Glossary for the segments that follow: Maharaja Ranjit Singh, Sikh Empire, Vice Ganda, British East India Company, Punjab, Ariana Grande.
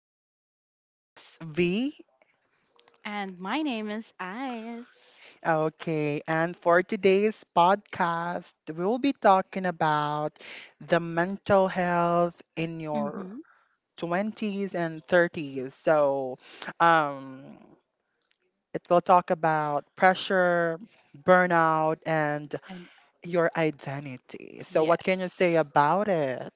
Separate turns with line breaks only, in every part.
My name is V.
And my name is Ice.
Okay, and for today's podcast, we'll be talking about the mental health in your
Mm-hmm.
20s and 30s. So, um, it will talk about pressure, burnout, and
And
your identity. So, what can you
yes,
say about it?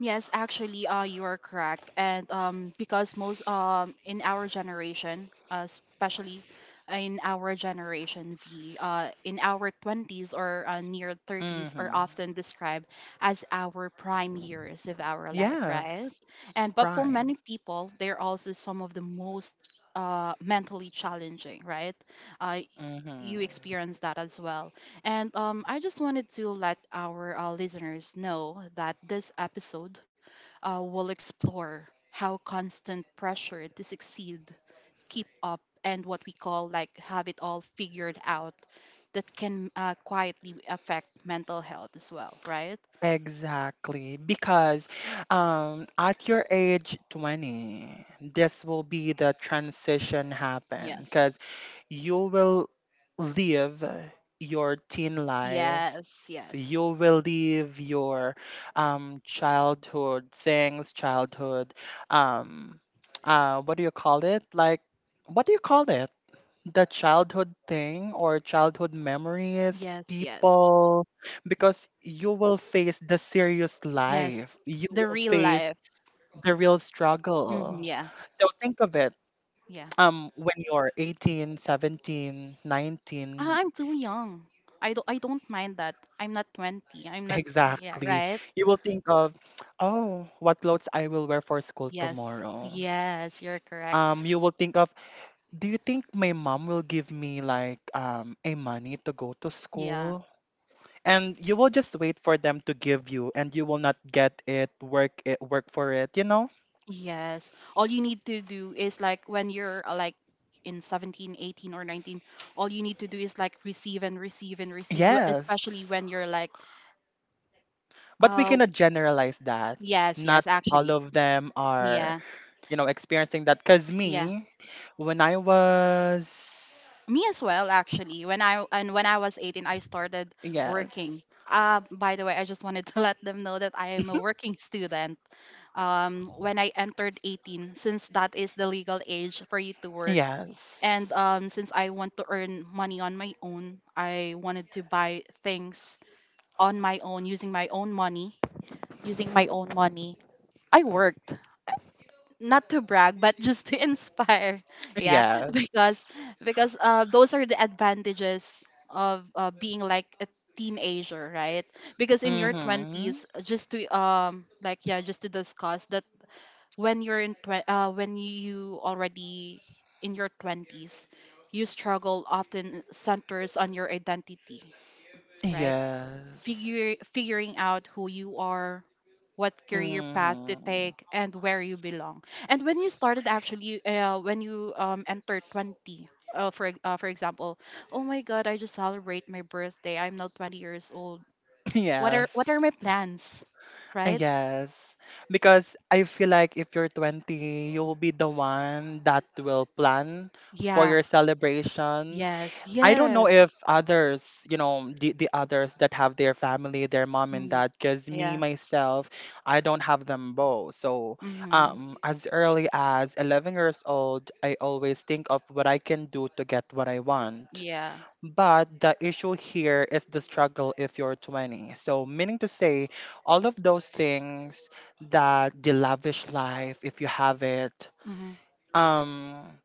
yes, actually, you are correct. And because most in our generation, especially in our generation V, in our 20s or near 30s are
hmm
often described as our prime years of our life, right?
Yes.
And but for
Prime.
many people, they're also some of the most mentally challenging, right? Uh,
Mm-hmm.
you experience that as well. And I just wanted to let our listeners know that this episode will explore how constant pressure to succeed, keep up, and what we call like have it all figured out, that can quietly affect mental health as well, right?
Exactly, because at your age 20, this will be the transition happen
Yes.
because you will live your teen life.
Yes, yes.
You will live your childhood things, childhood, um, what do you call it? Like, what do you call it? The childhood thing or childhood memories,
Yes, yes.
people, because you will face the serious
Yes.
life. You
The
will
real
face
life.
the real
Hmm,
struggle.
yeah.
So think of it,
Yeah.
when you're 18, 17,
Ah,
19.
I'm too young. I don't mind that. I'm not 20. I'm not. Yeah,
Exactly.
right?
You will think of, oh, what clothes I will wear for school
Yes.
tomorrow.
Yes, you're correct.
Um, you will think of, do you think my mom will give me like a money to go to
Yeah.
school, and you will just wait for them to give you and you will not get it. Work for it.
Yes. All you need to do is like when you're like, in 17, 18, or 19, all you need to do is like receive and receive and receive, especially
Yes,
when you're like,
but we
oh,
cannot generalize that.
yes,
Not
yes,
all
actually.
of them are,
Yeah.
experiencing that because
Yeah,
me when I was,
me as well actually. When I was 18, I started
yes.
working. By the way, I just wanted to let them know that I am a working student. When I entered 18, since that is the legal age for you to work, and
Yes.
since I want to earn money on my own, I wanted to buy things on my own using my own money. Using my own money, I worked, not to brag but just to inspire, yeah,
Yes.
because because those are the advantages of being like a teenager, right? Because in your
Mm-hmm.
20s, just to discuss that, when you're in when you already in your 20s, you struggle often centers on your identity, right?
Yes.
Figure figuring out who you are, what career path to
Mm-hmm.
take, and where you belong. And when you started, actually, when you entered 20, for example, oh my God, I just celebrate my birthday. I'm now 20 years old. What are
Yes.
my plans? Right?
Yes. Because I feel like if you're 20, you will be the one that will plan for
Yeah.
your celebration.
Yes.
I don't know
Yes.
if others, the others that have their family, their mom and
Mm.
dad, because me,
Yeah.
myself, I don't have them both. So
Mm-hmm.
as early as 11 years old, I always think of what I can do to get what I want.
Yeah.
But the issue here is the struggle if you're 20. So, meaning to say, all of those things that the lavish life, if you have it,
Mm-hmm.
um,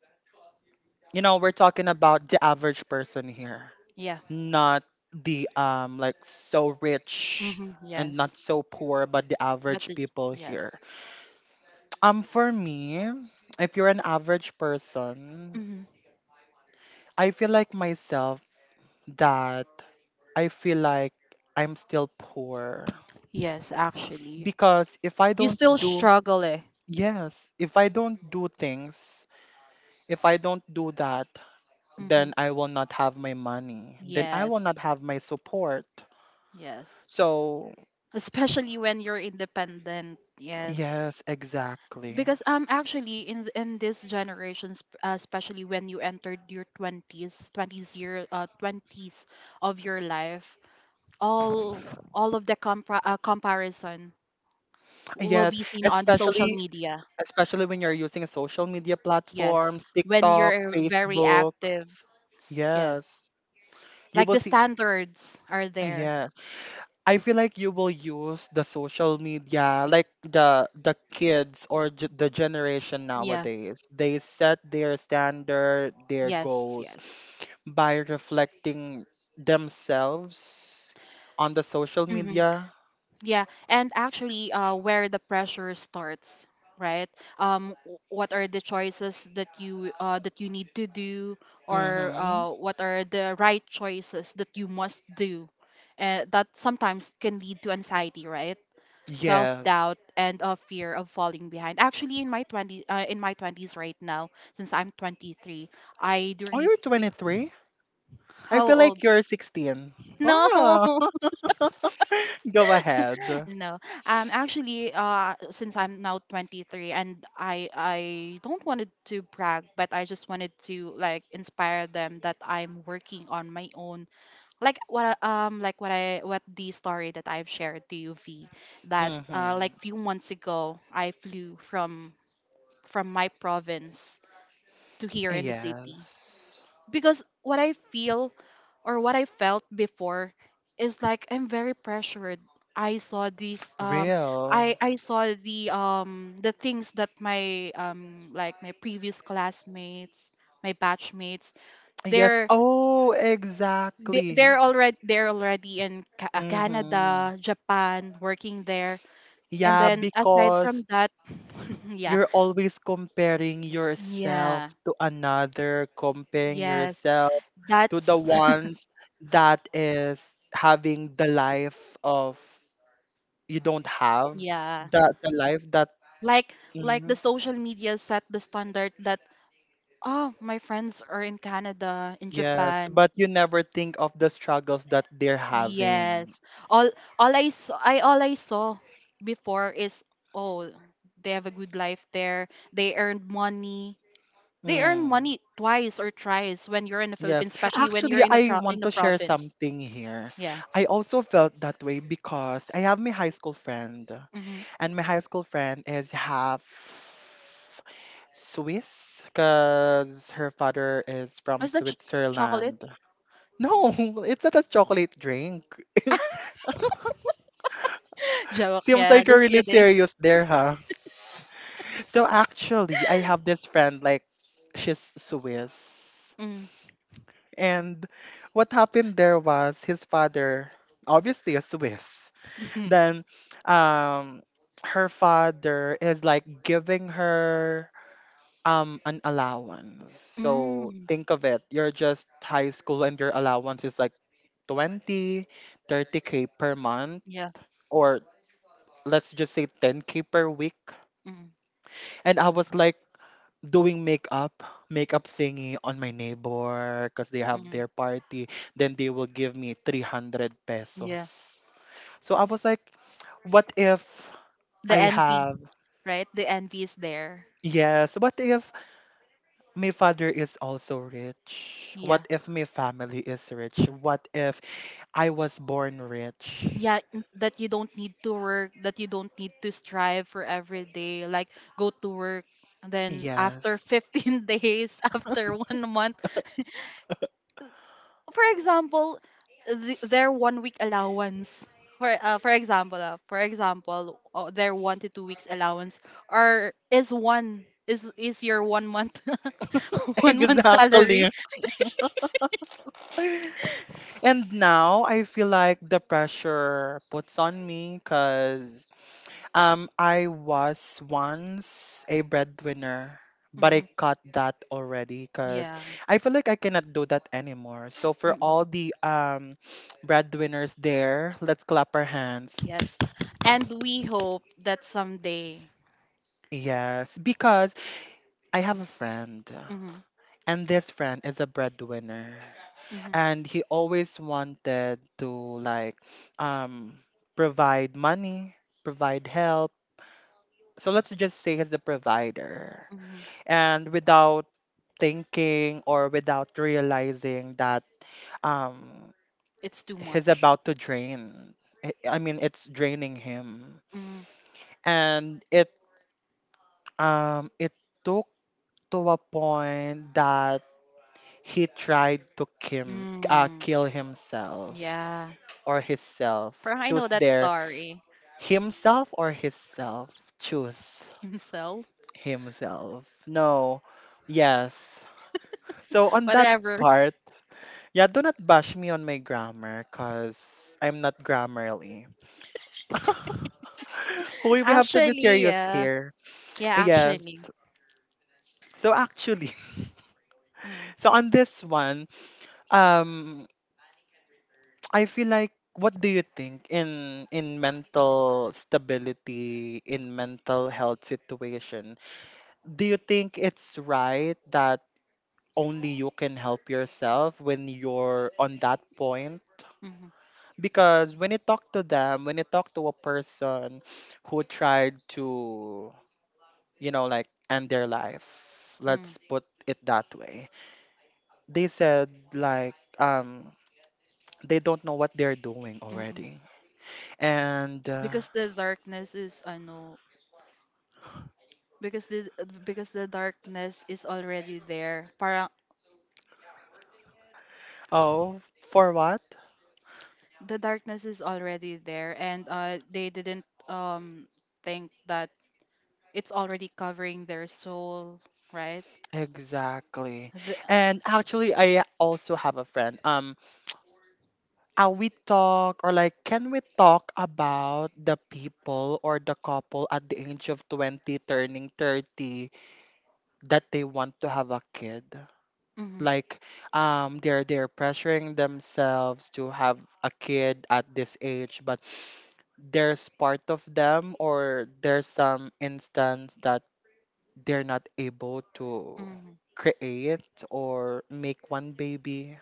we're talking about the average person here,
Yeah.
not the like so rich
Mm-hmm.
and not
Yes.
so poor, but the
But
average
the,
people
yes.
here. Um, for me, if you're an average person,
Hmm,
I feel like myself that I feel like I'm still poor,
yes, actually.
because if I
You
don't
still
do,
struggle, eh?
yes, if I don't do things, if I don't do that,
Hmm,
then I will not have my money, then I will
yes,
not have my support.
yes.
So
Especially when you're independent. Yes.
yes, exactly.
Because actually, in in this generation, especially when you entered your 20s, 20s year 20s of your life, all all of the comparison will
Yes,
be seen on the social
especially,
media.
especially when you're using social media
Yes,
platforms,
when
TikTok,
you're very
Facebook.
active. Yes.
Yes. You
Like,
will
the
see.
standards are there.
Yes. I feel like you will use the social media like the kids or the generation
Yeah.
nowadays. They set their standard, their
Yes,
goals,
yes.
by reflecting themselves on the social
Hmm,
media.
yeah, and actually, where the pressure starts, right? What are the choices that you need to do, or
Mm-hmm.
what are the right choices that you must do? That sometimes can lead to anxiety, right? Self
Yes.
doubt and a fear of falling behind. Actually, in my twenty in my twenties right now, since I'm 23, I do
Oh,
really
you're
feel.
23? I
How
feel
old?
like you're 16.
No.
Wow. Go ahead.
No. Actually, since I'm now 23, and I don't wanted to brag, but I just wanted to like inspire them that I'm working on my own, like what I what the story that I've shared to you, V, that
Mm-hmm.
like, few months ago, I flew from my province to here in the city,
Yes.
because what I feel, or what I felt before, is like I'm very pressured. I saw these um
Real.
I saw the things that my, previous classmates, my batchmates,
Yes.
they're
Oh,
they,
exactly.
they're already they're already in
Mm-hmm.
Canada, Japan, working there. And
Yeah,
then, aside
because
from that, yeah.
you're always comparing yourself
Yeah.
to another, comparing
Yes.
yourself to the
That's
ones that is having the life of you don't have,
yeah.
that the life that
Like like, the
mhm.
social media set the standard that, oh, my friends are in Canada, in
Yes,
Japan.
but you never think of the struggles that they're having.
Yes. All all I saw before is, oh, they have a good life there. They earned money. They earn
Mm.
money twice or thrice when you're in the
Yes.
Philippines, especially when you're
Actually,
in a
I
in
want
the
to share
province.
something here.
Yeah.
I also felt that way because I have my high school friend.
Mm-hmm.
And my high school friend is half Swiss because her father is from
Was that chocolate?
Switzerland. No, it's not a chocolate drink.
Joke.
Seems
Yeah.
like you're
Just
really
kidding.
serious there, huh? So actually, I have this friend, like, she's Swiss.
Mm.
And what happened there was his father, obviously a Swiss. Then um her father is like giving her an allowance. So
Mm.
think of it, you're just high school and your allowance is like 20, 30 k per month,
Yeah.
or let's just say 10k per week.
Mm.
And I was like doing makeup, makeup thingy on my neighbor because they have
Mm.
their party. Then they will give me 300
Yeah.
pesos. So I was like, what if
The
I
envy,
have,
right? The envy is there.
yes, what if my father is also rich? What
Yeah.
if my family is rich? What if I was born rich?
Yeah, that you don't need to work, that you don't need to strive for every day. Like, go to work, and then after
Yes.
15 days, after one month, for example, th their one week allowance. For example, their 1 to 2 weeks allowance, or is one is your one month, one month salary.
Exactly. And now I feel like the pressure puts on me because I was once a breadwinner, but I
Mhm.
cut that already because
Yeah.
I feel like I cannot do that anymore. So for
Mm-mm.
all the breadwinners there, let's clap our hands.
Yes, and we hope that someday.
Yes, because I have a friend,
Hmm.
and this friend is a breadwinner,
Hmm.
and he always wanted to like um provide money, provide help. So let's just say he's the provider.
Hmm.
And without thinking or without realizing that um
It's too
he's
much.
about to drain. I mean, it's draining him.
Mhm.
And it took to a point that he tried to
Mm,
kill himself
yeah.
or himself.
Parang I know
Choose
that
there,
story.
himself or himself. Choose
Himself.
himself. No, yes. So on that
Whatever.
part, yeah, do not bash me on my grammar, cause I'm not grammarly. We we have to be
Actually,
serious
yeah.
here.
Yeah,
Yes.
actually.
So actually,
Mm,
so on this one, um, I feel like what do you think in mental stability, in mental health situation? Do you think it's right that only you can help yourself when you're on that point?
mm-hmm,
Because when you talk to them, when you talk to a person who tried to, like, end their life,
mm,
let's put it that way. They said like they don't know what they're doing
mm-mm.
already. And
Because the darkness is ano, because the because the darkness is already there. Parang
oh, for what?
the darkness is already there, and they didn't think that it's already covering their soul, right?
Exactly.
The,
And actually, I also have a friend. We talk or like, can we talk about the people or the couple at the age of 20 turning 30 that they want to have a kid?
hmm.
Like, they're pressuring themselves to have a kid at this age, but there's part of them or there's some instance that they're not able to
Hmm.
create or make one baby?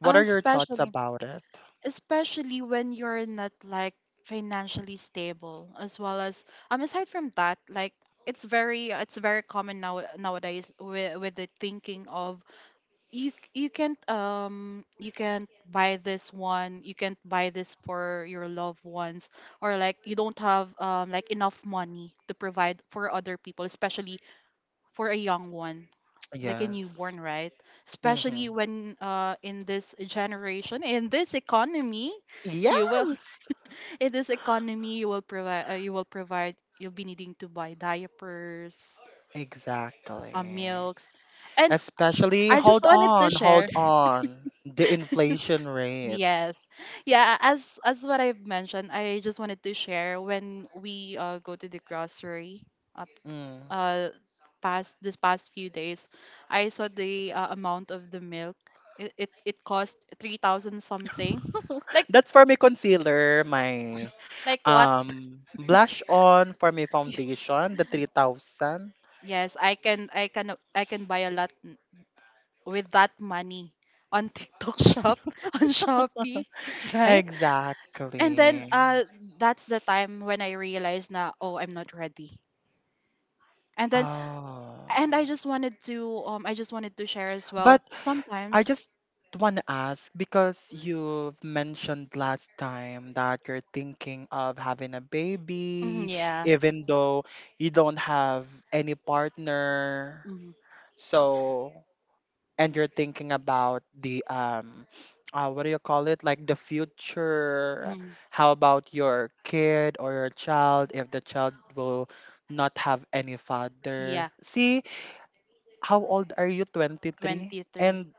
What are your thoughts
especially,
about it?
especially when you're not like financially stable, as well as, aside from that, like, it's very common now nowadays, with the thinking of, you can't, you can't buy this one, you can't buy this for your loved ones, or like you don't have enough money to provide for other people, especially for a young one, like a
Yes.
newborn, right?
Hmm.
Especially when, in this generation, in this economy, you will
Yes.
in this economy you will provide, you'll be needing to buy diapers,
Exactly.
milks, and,
Especially,
I just
hold
wanted to
on,
share.
hold on. The inflation rate.
Yes. Yeah, as what I've mentioned, I just wanted to share, when we go to the grocery, uh,
Mm.
uh past few days, I saw the amount of the milk. It cost 3,000 something. Like
That's for my concealer, my
like what?
blush on for my foundation, the 3,000.
Yes, I can buy a lot, with that money on TikTok shop, on Shopee, right? And then,
Exactly.
that's the time when I realized, na, oh, I'm not ready. And then
Oh.
and I just wanted to share as
But
well
I
sometimes.
just want to ask because you've mentioned last time that you're thinking of having a
Mhm,
baby,
yeah.
even though you don't have any partner.
Mhm,
So, and you're thinking about the what do you call it? Like, the future.
mhm,
How about your kid or your child if the child will not have any father?
yeah,
See, how old are you? 23?
23.
And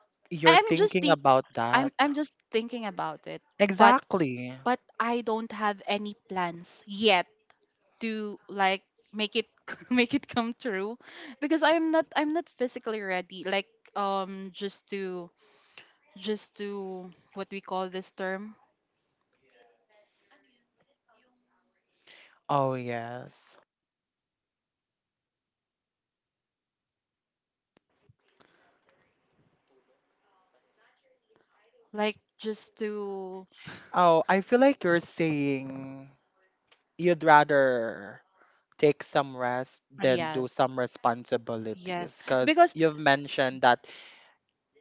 I
you're
am just
thinking
think
about
I'm
that?
I'm just thinking about it. But.
Exactly.
But I don't have any plans yet to like make it make it come true, because I'm not physically ready, like, just to, what we call this term,
Oh, yes.
like just to.
Oh, I feel like you're saying you'd rather take some rest than do
Yes.
some
Yes,
responsibilities, because
because,
you've mentioned that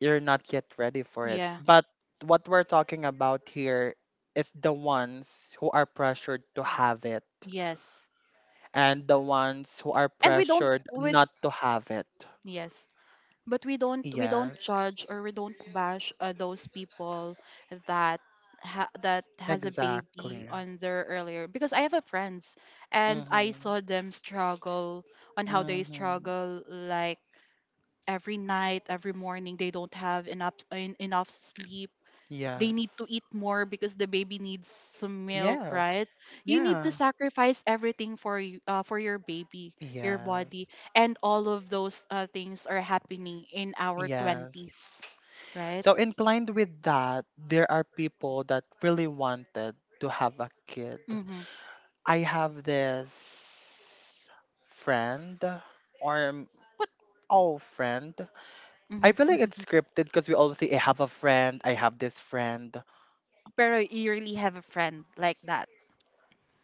you're not yet ready for it.
yeah.
But what we're talking about here is the ones who are pressured to have it
Yes,
and the ones who are
and we don't
pressured
with.
not to have it.
Yes, but we don't
Yes,
judge or we don't bash those people that that has a
exactly.
baby on their earlier, because I have a friends, and I
Mm-hmm.
saw them struggle, on how they
Mm-hmm.
struggle, like every night, every morning they don't have enough enough sleep, they need to
Yes.
eat more because the baby needs some milk,
Yes.
right? You need to
Yeah.
sacrifice everything for your baby, your body,
Yes.
and all of those things are happening in our 20s,
Yes.
right?
So in blind with that, there are people that really wanted to have a kid.
Mm-hmm.
I have this friend or
What?
oh, friend. I
Mm-hmm.
feel like it's
Hmm.
scripted because we always say I have a friend, I have this friend.
Pero, you really have a friend like that.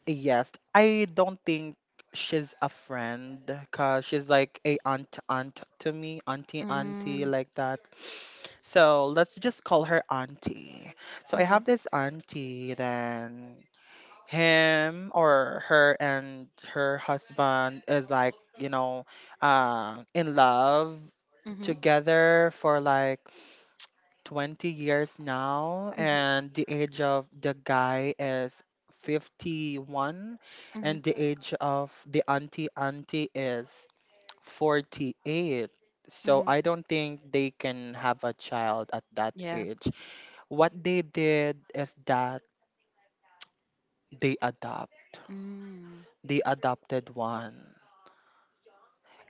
Yes, I don't think she's a friend because she's like a aunt aunt to me, auntie
Mm.
auntie
Mm-hmm.
like that. So let's just call her auntie. So I
Mm-hmm.
have this auntie, then him or her, and her husband is like, you know, in love
Mm-hmm.
together for like 20 years now,
Mm-hmm.
and the age of the guy is 51 and the age of the auntie auntie is 48. So
Mm-hmm.
I don't think they can have a child at that
Yeah.
age. What they did is that they adopt,
Mm.
the adopted one.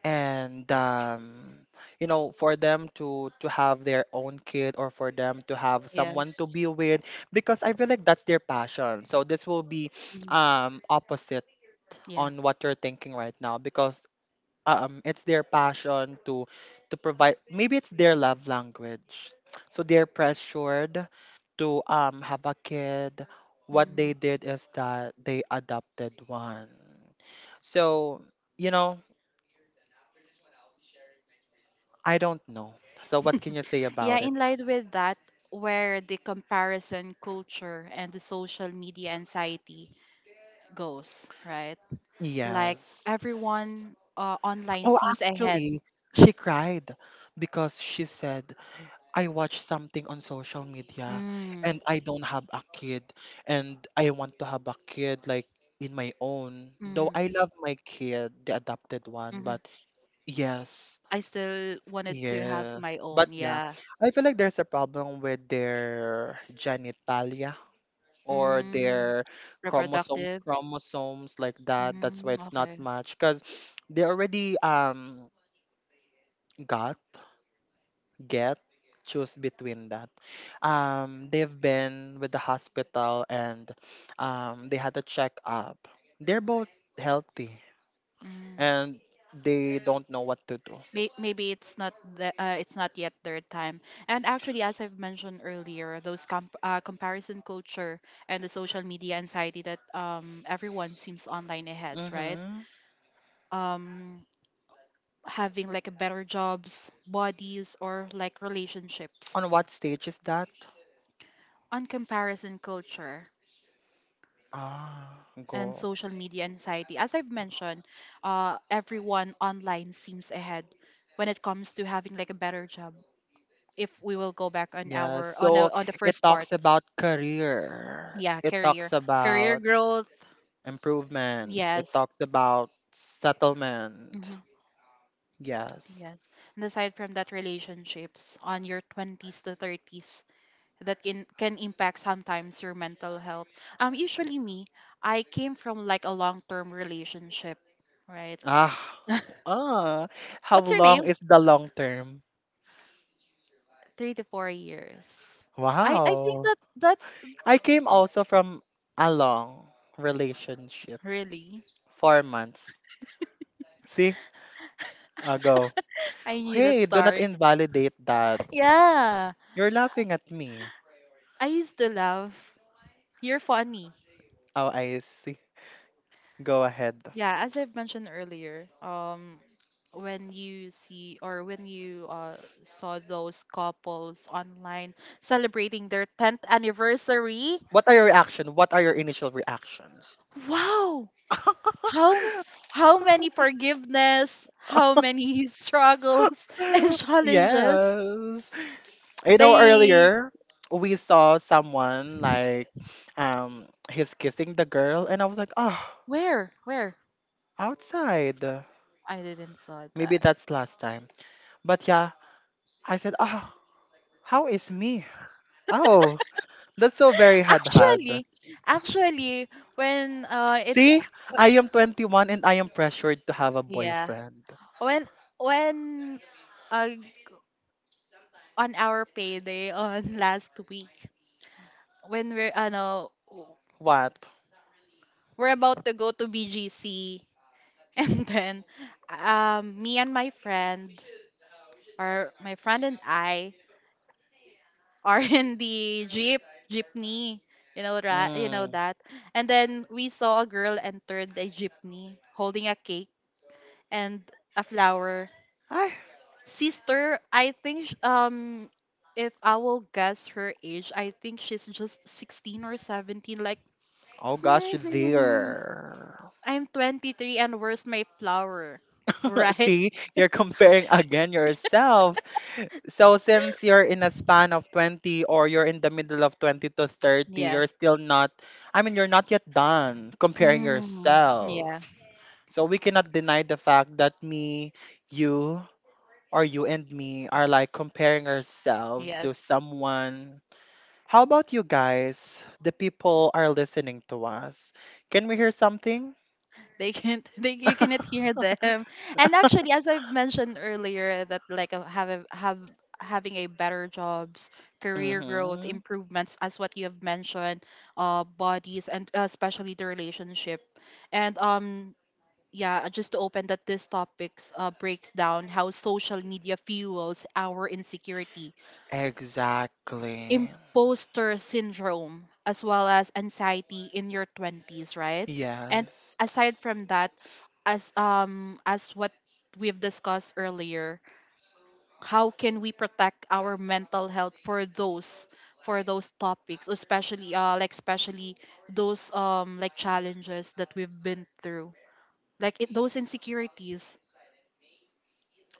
And for them to have their own kid, or for them to have someone to
Yes.
be with, because I feel like that's their passion. So this will be
Mhm.
opposite
Yeah.
on what you're thinking right now, because it's their passion to provide, maybe it's their love language, so they're pressured to have a kid. What
Mhm.
they did is that they adopted one. So, you know I don't know, so what can you say
Yeah,
about
in
it?
line with that, where the comparison culture and the social media anxiety goes, right? Like,
Yes,
everyone online
oh,
seems ahead.
actually, she cried because she said, I watch something on social media
Mm,
and I don't have a kid, and I want to have a kid like in my own. Though I love my kid, the adopted
mm,
one,
mm,
but yes,
I still wanted to have
yes.
my
But
own,
yeah,
yeah.
I feel like there's a problem with their genitalia or
Mm,
their chromosomes,
reproductive.
chromosomes like that. That's why
Mm,
it's not
okay.
much, because they already got get choose between that. Um, they've been with the hospital and they had a checkup. They're both healthy,
Mm.
and they don't know what to do.
Maybe it's not it's not yet their time. And actually, as I've mentioned earlier, those comparison culture and the social media anxiety, that, everyone seems online ahead, right?
Mm-hmm.
Um, Having like a better jobs, bodies, or like relationships.
On what stage is that?
On comparison culture
Ah, go.
and social media anxiety. As I've mentioned, everyone online seems ahead when it comes to having like a better job. If we will go back on
Yes,
our,
so
on the
it
first part,
talks about career,
yeah,
it talks
career, career
about
growth,
improvement. It
yes.
talks about settlement.
Hmm,
Yes.
yes. And aside from that, relationships on your 20s to 30s, that can impact sometimes your mental health. Usually me, I came from like a long term relationship, right?
Ah. Ah. How
What's your name?
long is the long term?
3 to 4 years. I think
Wow.
that that's
I came also from a long relationship.
really.
4 months. See? Ago.
I knew that
Hey, do not
story.
invalidate that.
Yeah,
You're laughing at me.
I used to love. You're funny.
Oh, I see. Go ahead.
Yeah, as I've mentioned earlier, when you see, or when you saw those couples online celebrating their 10th anniversary,
What are your reaction? What are your initial reactions?
wow, how how many forgiveness, how many struggles and challenges
Yes. You know,
they,
earlier we saw someone like um he's kissing the girl, and I was like, "Oh,
where
outside.
I didn't saw
Maybe
that.
that's last time." But yeah, I said, "Oh, how is me?" Oh, that's so very had.
Actually, actually, when it's
See, I am 21 and I am pressured to have a
yeah,
boyfriend.
when when uh, on our payday on last week when we're ano
What?
we're about to go to BGC and then me and my friend Our my friend and I are in the jeepney. You know that, you know
Mm.
that. And then we saw a girl entered the jeepney holding a cake and a flower.
Ay,
Sister, I think if I will guess her age, I think she's just 16 or 17 like
oh
hmm,
gosh,
hmm, hmm.
there.
I'm 23 and where's my flower? Right?
See, you're comparing again yourself. So since you're in a span of 20, or you're in the middle of 20 to 30,
Yeah.
you're still not, I mean, you're not yet done comparing
Mm,
yourself.
yeah.
Yeah. So we cannot deny the fact that me, you, or you and me are like comparing ourselves
Yes.
to someone. How about you guys? The people are listening to us. Can we hear something?
They can't, they you cannot hear them. And actually, as I've mentioned earlier, that like have having a better jobs, career growth
Mm-hmm.
improvements, as what you have mentioned, bodies, and especially the relationship, and yeah just to open that, this topics breaks down how social media fuels our insecurity,
Exactly.
imposter syndrome, as well as anxiety in your 20s, right? And
Yes.
aside from that, as what we've discussed earlier, how can we protect our mental health for those, for those topics, especially like especially those like challenges that we've been through, like those insecurities.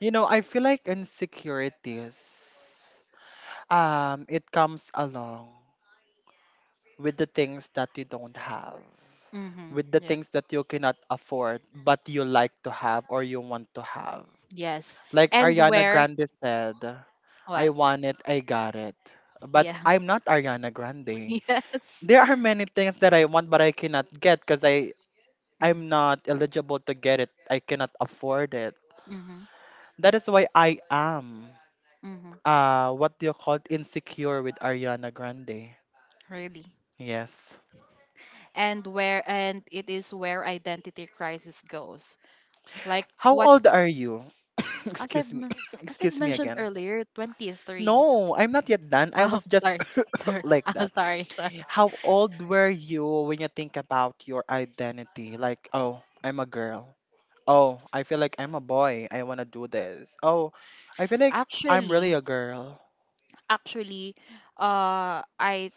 I feel like insecurities, it comes along with the things that you don't have,
Mm-hmm.
with the
Yeah.
things that you cannot afford, but you like to have or you want to have.
Yes.
Like
and
Ariana
where
Grande said, I
what
want it, I got it. But
yeah.
I'm not Ariana Grande.
Yes.
There are many things that I want but I cannot get because I'm not eligible to get
Mm-hmm.
it. I cannot afford it.
Mm-hmm.
That is why I am
Mm-hmm.
what do you call it? Insecure with Ariana Grande.
Really.
Yes.
And where and it is where identity crisis goes. Like
How
what
old are you?
as
Excuse
I've
me.
men- as I've
Excuse me
mentioned
again.
earlier, 23.
No, I'm not yet done. I
Oh,
was just
sorry. Sorry.
like
Oh,
that.
sorry, sorry.
How old were you when you think about your identity? Like, oh, I'm a girl. Oh, I feel like I'm a boy. I want to do this. Oh, I feel like I'm really
Actually,
a girl.
actually, I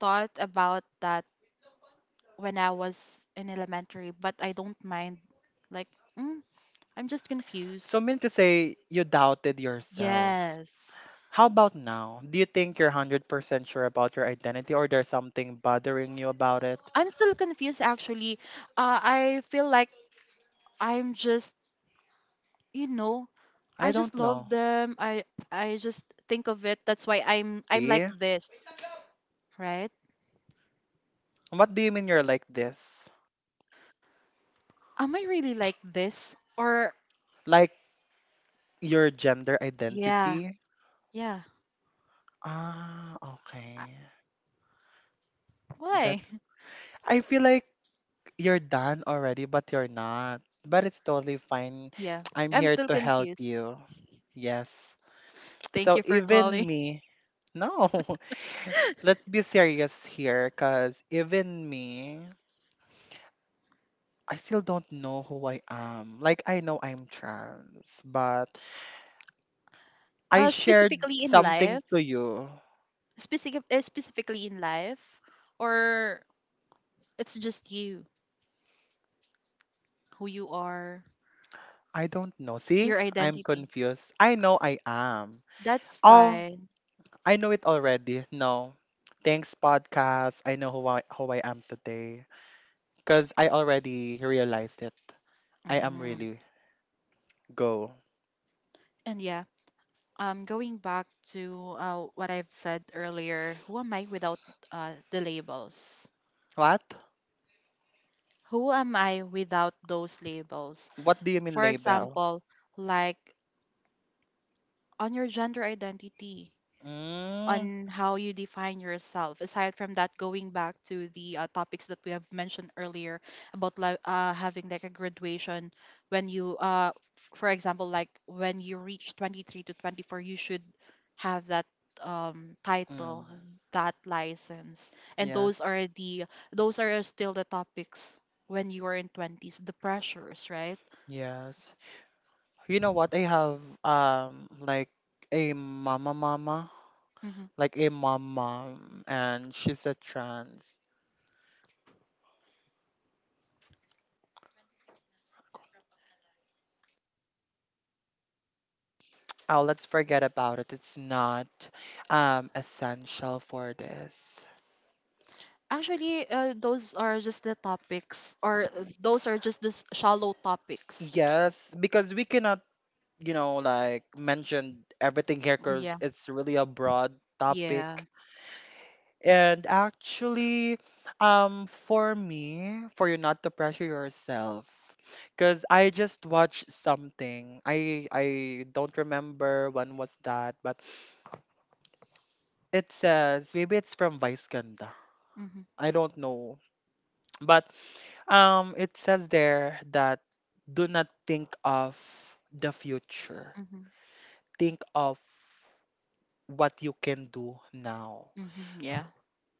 thought about that when I was in elementary, but I don't mind. Like, mm, I'm just
So,
confused.
mean to say, you doubted yourself.
Yes.
How about now? Do you think you're 100% sure about your identity, or there's something bothering you about it?
I'm still confused actually. I feel like I'm just, you know,
I
I just
don't know.
love them. I just think of it. That's why I'm
See?
like this, right?
What do you mean you're like this?
Am I really like this or
Like your gender
yeah,
identity?
yeah.
Ah,
I-
okay.
Why?
That's, I feel like, you're done already, but you're not. But it's totally fine.
Yeah.
I'm
I'm
here
still
to help
confused.
you. Yes.
Thank
So
you for
even
calling.
me, no, let's be serious here, because even me, I still don't know who I am. Like, I know I'm trans, but I shared
Specifically in
something
life,
to you.
specifically in life, or it's just you, who you are,
I don't know. See,
your
I'm
identity.
confused. I know I am.
That's
Oh.
fine.
I know it already. No. Thanks, podcast. I know who who I am today. Because I already realized it. I am
Mhm.
really go.
And yeah, going back to what I've said earlier, who am I without the labels?
What?
Who am I without those labels?
What do you mean
For
label?
example, like on your gender identity,
Mm,
on how you define yourself aside from that, going back to the topics that we have mentioned earlier about having like a graduation when you for example, like when you reach 23 to 24, you should have that
mm,
title, that license. And those
yes,
are the, those are still the topics when you are in 20s, the pressures, right?
yes. You know what? I have like a mama,
Mm-hmm.
like a mom, and she's a trans. Oh, let's forget about it. It's not essential for this.
Actually, those are just the topics, or those are just the shallow topics.
Yes, because we cannot, like mention everything here because
Yeah.
it's really a broad topic.
Yeah.
And actually, for me, for you not to pressure yourself, because I just watched something. I don't remember when was that, but it says maybe it's from Vice Ganda.
Mm-hmm.
I don't know. But it says there that do not think of the future.
Mm-hmm.
Think of what you can do now.
Mm-hmm. Yeah.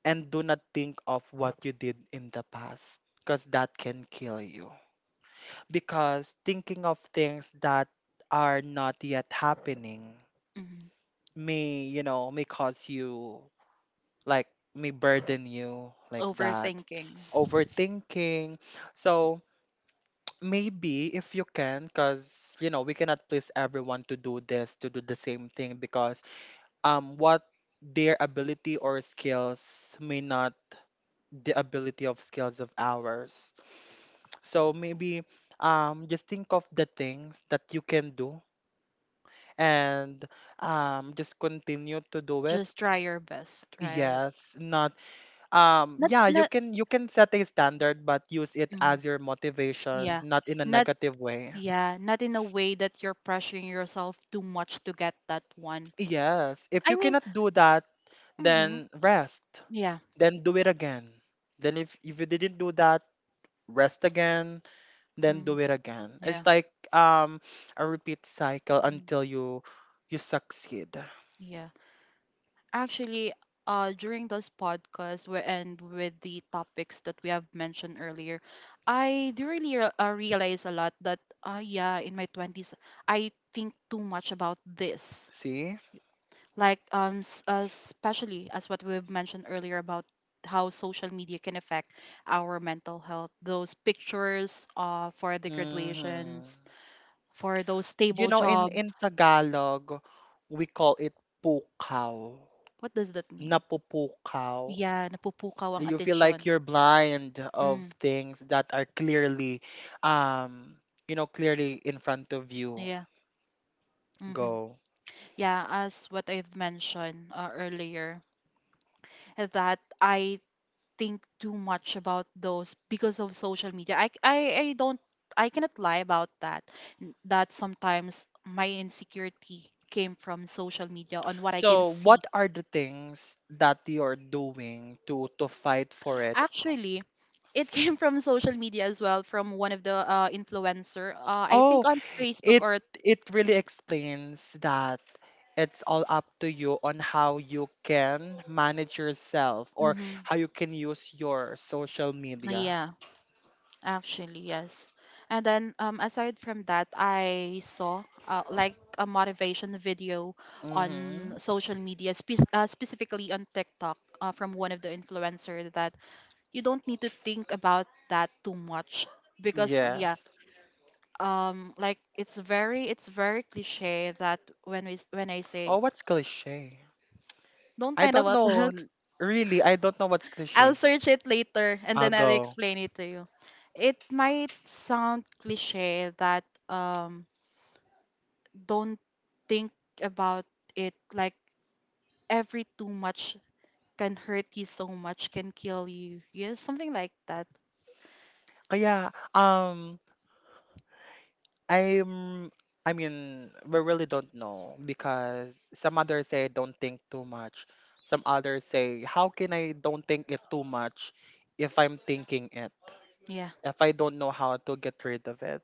And do not think of what you did in the past because that can kill you. Because thinking of things that are not yet happening
Mm-hmm.
may, may cause you like may burden you like that.
Overthinking.
Overthinking. So maybe if you can, because you know we cannot please everyone to do this, to do the same thing, because what their ability or skills may not the ability of skills of ours. So maybe just think of the things that you can do, and just continue to do it.
Just try your best, right?
Yes, not
Not,
yeah, you
not,
can, you can set a standard but use it
mm,
as your motivation,
yeah.
not in a
Not,
negative way.
yeah. Not in a way that you're pressuring yourself too much to get that one.
Yes, if
I
you
mean,
cannot do that,
mm-hmm.
then rest.
Yeah.
Then do it again. Then if you didn't do that, rest again, then
Mm-hmm.
do it again.
Yeah.
It's like a repeat cycle until you succeed.
Yeah. Actually, during this podcast, we and with the topics that we have mentioned earlier, I do really realize a lot that, yeah, in my 20s, I think too much about this.
See?
Like, especially as what we've mentioned earlier about how social media can affect our mental health. Those pictures, for the
Hmm.
graduations, for those
You
stable
know, in
jobs.
Tagalog, we call it pukaw.
What does that mean?
Napupukaw.
Yeah, napupukaw ang
You feel
atensyon.
like you're blind of
Mm.
things that are clearly um you know, clearly in front of you.
Yeah. Hmm.
Go.
Yeah, as what I've mentioned earlier, that I think too much about those because of social media. I don't, I cannot lie about that. That sometimes my insecurity came from social media on what I can
So
see.
what are the things that you're doing to fight for it?
Actually, it came from social media as well, from one of the influencer. I think
Oh,
on Facebook
it
or
it really explains that it's all up to you on how you can manage yourself, or
Mhm.
how you can use your social media.
Yeah, actually, yes. And then aside from that, I saw like a motivation video on
Mm-hmm.
social media, specifically on TikTok, from one of the influencer that you don't need to think about that too much, because yeah,
Yes.
like it's very cliche that when when I
Oh,
say
what's cliche?
don't
I
mind
don't
about
know.
that.
N- Really, I don't know what's
I'll
cliche.
search it later and
I'll
then I'll
go.
explain it to you. It might sound cliche that don't think about it like every too much can hurt you so much, can kill you. Yeah, something like that.
Kaya, I'm, I mean, we really don't know because some others say don't think too much. Some others say, how can I don't think it too much if I'm thinking it?
Yeah.
If I don't know how to get rid of it.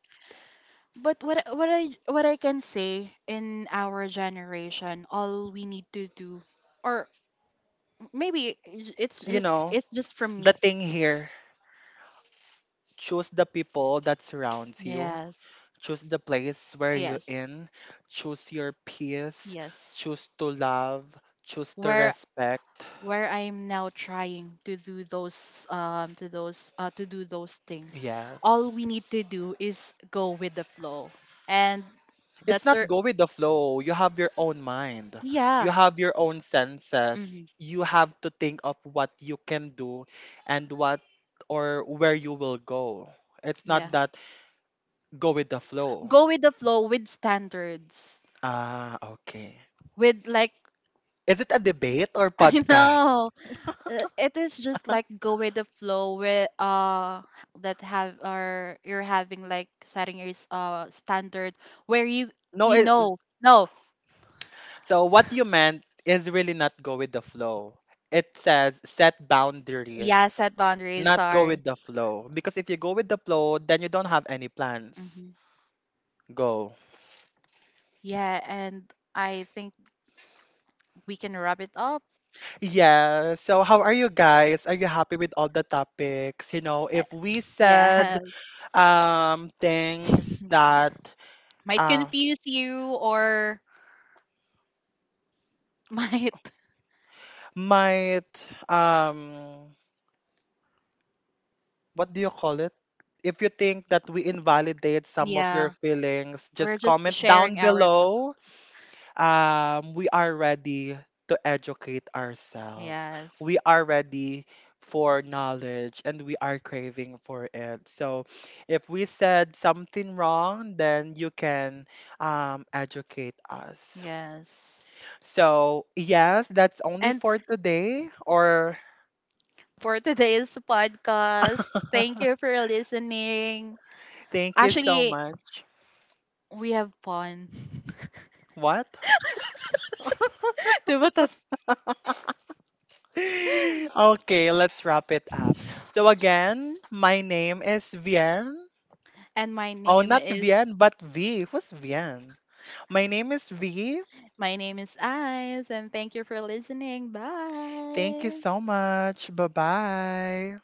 But what I can say in our generation, all we need to do, or it's
You
just,
know,
from
the
me.
thing here, choose the people that surrounds you.
Yes.
Choose the place where you're
Yes.
in. Choose your peace.
Yes.
Choose to love. Choose to
Where
respect.
where I am now trying to do those to do those things. All
Yes.
we need to do is go with the flow. And
It's
that's our
not go with the flow. You have your own mind.
Yeah.
You have your own senses.
Hmm.
You have to think of what you can do and what, or where you will go. It's not
Yeah.
that go with the flow.
Go with the flow with standards.
Ah, okay.
With like
Is it a debate or
I
podcast?
know. It is just like go with the flow with that have, or you're having, like setting your standard where you
No,
you
it,
know. No.
so what you meant is really not go with the flow. It says set boundaries,
Yeah, set boundaries,
not go
sorry.
with the flow. Because if you go with the flow, then you don't have any plans.
Hmm.
Go.
Yeah, and I think we can wrap it up.
Yeah. So how are you guys? Are you happy with all the topics? You know,
Uh,
if we said
Yes.
things that
Might
uh
confuse you or might,
might um what do you call it? If you think that we invalidate some of your
yeah,
feelings,
we're
just
just
comment down
sharing our
below. We are ready to educate ourselves.
yes.
We are ready for knowledge and we are craving for it. So if we said something wrong, then you can educate us.
Yes.
So, yes, that's only
And
for today, or
for today's podcast, thank you for listening.
thank you so
Actually,
much.
we have fun.
What?
Diba tat-
Okay, let's wrap it up. So again, my name is Vien.
and my
Oh,
name
not
is,
Vien, but V. Who's Vien? My name is V.
my name is Eyes, and thank you for listening,
Thank you
bye.
so much. Bye-bye.